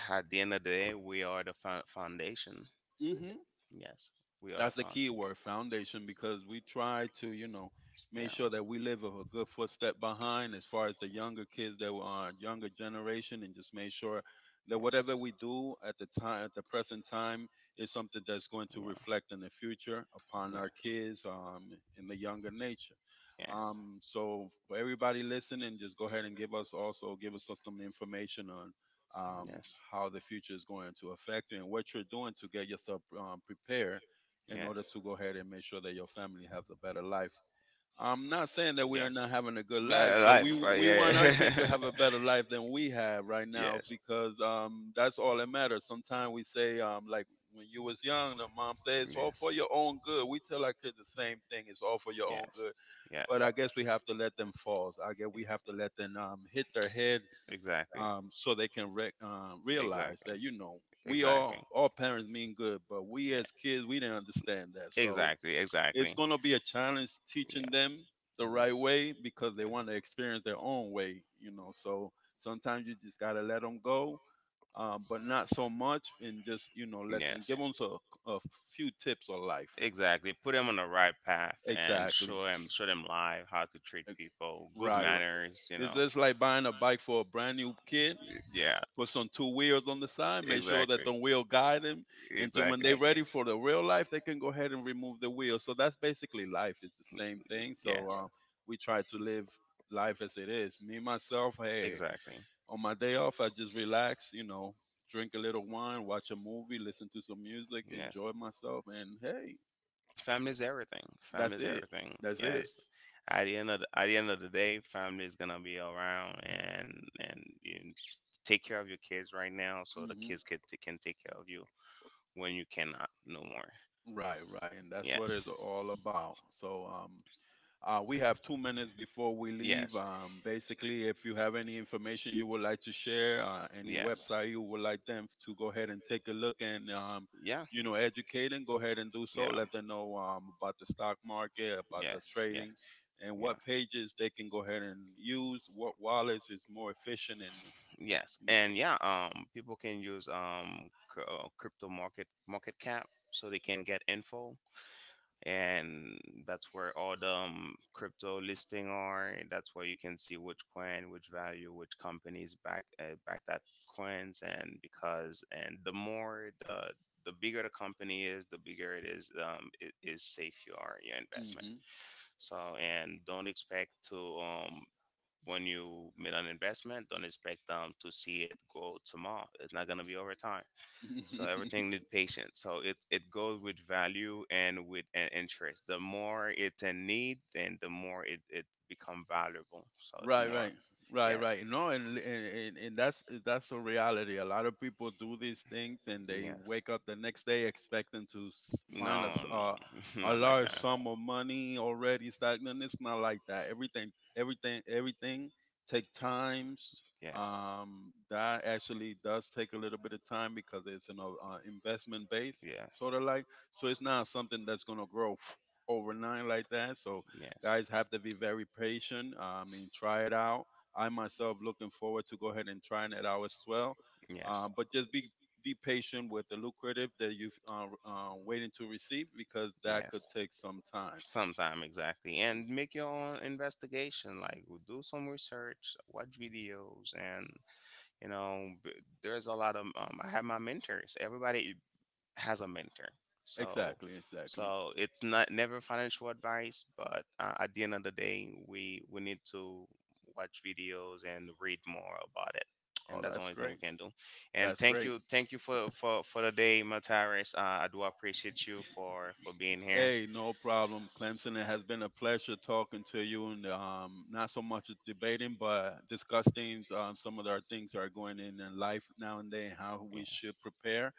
at the end of the day, we are foundation.
Hmm.
Yes, we are the
That's the key
foundation.
word, foundation, because we try to, you know, make sure that we live a good footstep behind as far as the younger kids, that are younger generation, and just make sure that whatever we do at the time, at the present time, is something that's going to
Yeah.
reflect in the future upon our kids,
Yeah.
in the younger nature.
Yeah.
So for everybody listening, just go ahead and give us, also give us
Yes.
some information on um,
Yes.
how the future is going to affect you and what you're doing to get yourself prepared in order to go ahead and make sure that your family has a better life. I'm not saying that we are not having a good life, but we want our kids to have a better life than we have right now, because that's all that matters. Sometimes we say like when you was young, the mom says it's all for your own good. We tell our kids the same thing: it's all for your
But
own good, but I
yes.
guess we have to let them fall. I guess we have to let them hit their head,
Exactly.
so they can realize
Exactly.
that, you know, we
Exactly.
all parents mean good, but we
Yeah.
as kids, we didn't understand that. So
Exactly.
it's
Exactly.
going to be a challenge
Yeah.
teaching them the right
Yes.
way because they want to experience their own way, you know. So sometimes you just got to let them go, but not so much, and just, you know, let them,
Yes.
give them a few tips on life.
Exactly. Put them on the right path, and
Exactly.
show them live how to treat people, good
Right. Right.
manners. You
It's
know.
just like buying a bike for a brand new kid.
Yeah,
Put some two wheels on the side, make sure
exactly.
that the wheel guide them, into when they're
Exactly.
ready for the real life, they can go ahead and remove the wheel. So that's basically life. It's the same thing. So
Yes,
we try to live life as it is. Me myself, hey,
exactly.
on my day off, I just relax, you know, drink a little wine, watch a movie, listen to some music,
Yes.
enjoy myself, and hey,
Family is everything. Family
that's
is
it.
everything.
That's it.
Yes. At the end of the, at the end of the day, family is gonna be around, and you take care of your kids right now, so the
Hmm.
kids can take care of you when you cannot no more.
Right, right, and that's what
Yes.
it's all about. So we have 2 minutes before we leave.
Yes.
Basically, if you have any information you would like to share, any
Yes.
website you would like them to go ahead and take a look, and
Yeah.
you know, educate them, go ahead and do so.
Yeah.
Let them know about the stock market, about the
Yes.
trading,
Yes.
and
Yeah.
what pages they can go ahead and use. What wallets is more efficient, and
Yes,
you
and yeah, people can use crypto market cap so they can get info, and that's where all the crypto listing are. That's where you can see which coin, which value, which companies back back that coins, and because and the more the bigger the company is, the bigger it is safe you are your investment.
know.
So and don't expect to when you made an investment, don't expect to see it go tomorrow. It's not gonna be over time.
So
So
everything Mhm.
everything need patience. So it goes with value and with an interest. The more it's in need, then the more it, it become valuable. So the
Right,
more,
right, right,
yes,
right. No, and and that's a reality. A lot of people do these things, and they
yes.
wake up the next day expecting to find
No,
a
no,
a
not like
large
that.
sum of money already stagnant. It's not like that. Everything, everything, everything take times,
Yes,
that actually does take a little bit of time because it's an investment base,
yes,
sort of like. So it's not something that's gonna grow overnight like that. So guys
yes.
have to be very patient. I mean, try it out. I myself looking forward to go ahead and trying it out as well.
Yes.
But just be patient with the lucrative that you've waiting to receive, because that could
Yes.
take
Will.
some time.
Sometime exactly, and make your own investigation. Like do some research, watch videos, and there's a lot of. I have my mentors. Everybody has a mentor. So,
So,
so it's not never financial advice, but at the end of the day, we need to watch videos and read more about it,
oh,
and that's the
that's
only thing we
great.
can do. And
That's great.
thank you for the day, Mataris. I do appreciate you for being here.
Hey, no problem, Clemson. It has been a pleasure talking to you, and not so much debating, but discussing some of our things that are going in life now and then, and how
Yeah.
we should
Yeah.
prepare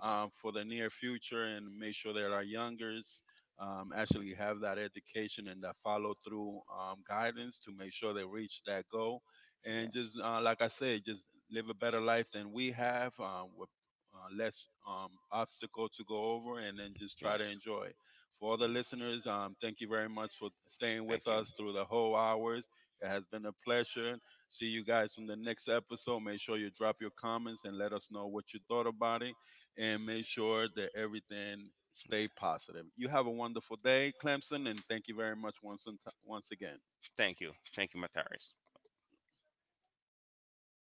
for the near future, and make sure that our youngers actually have that education and that follow through guidance to make sure they reach that goal. And
Yes.
just like I said, just live a better life than we have, with less obstacle to go over, and then just try to enjoy. For all the listeners, thank you very much for staying with us through the whole hours. It has been a pleasure. See you guys in the next episode. Make sure you drop your comments and let us know what you thought about it. And make sure that everything stay positive. You have a wonderful day, Clemson, and thank you very much once, and once again.
Thank you. Thank you, Mataris.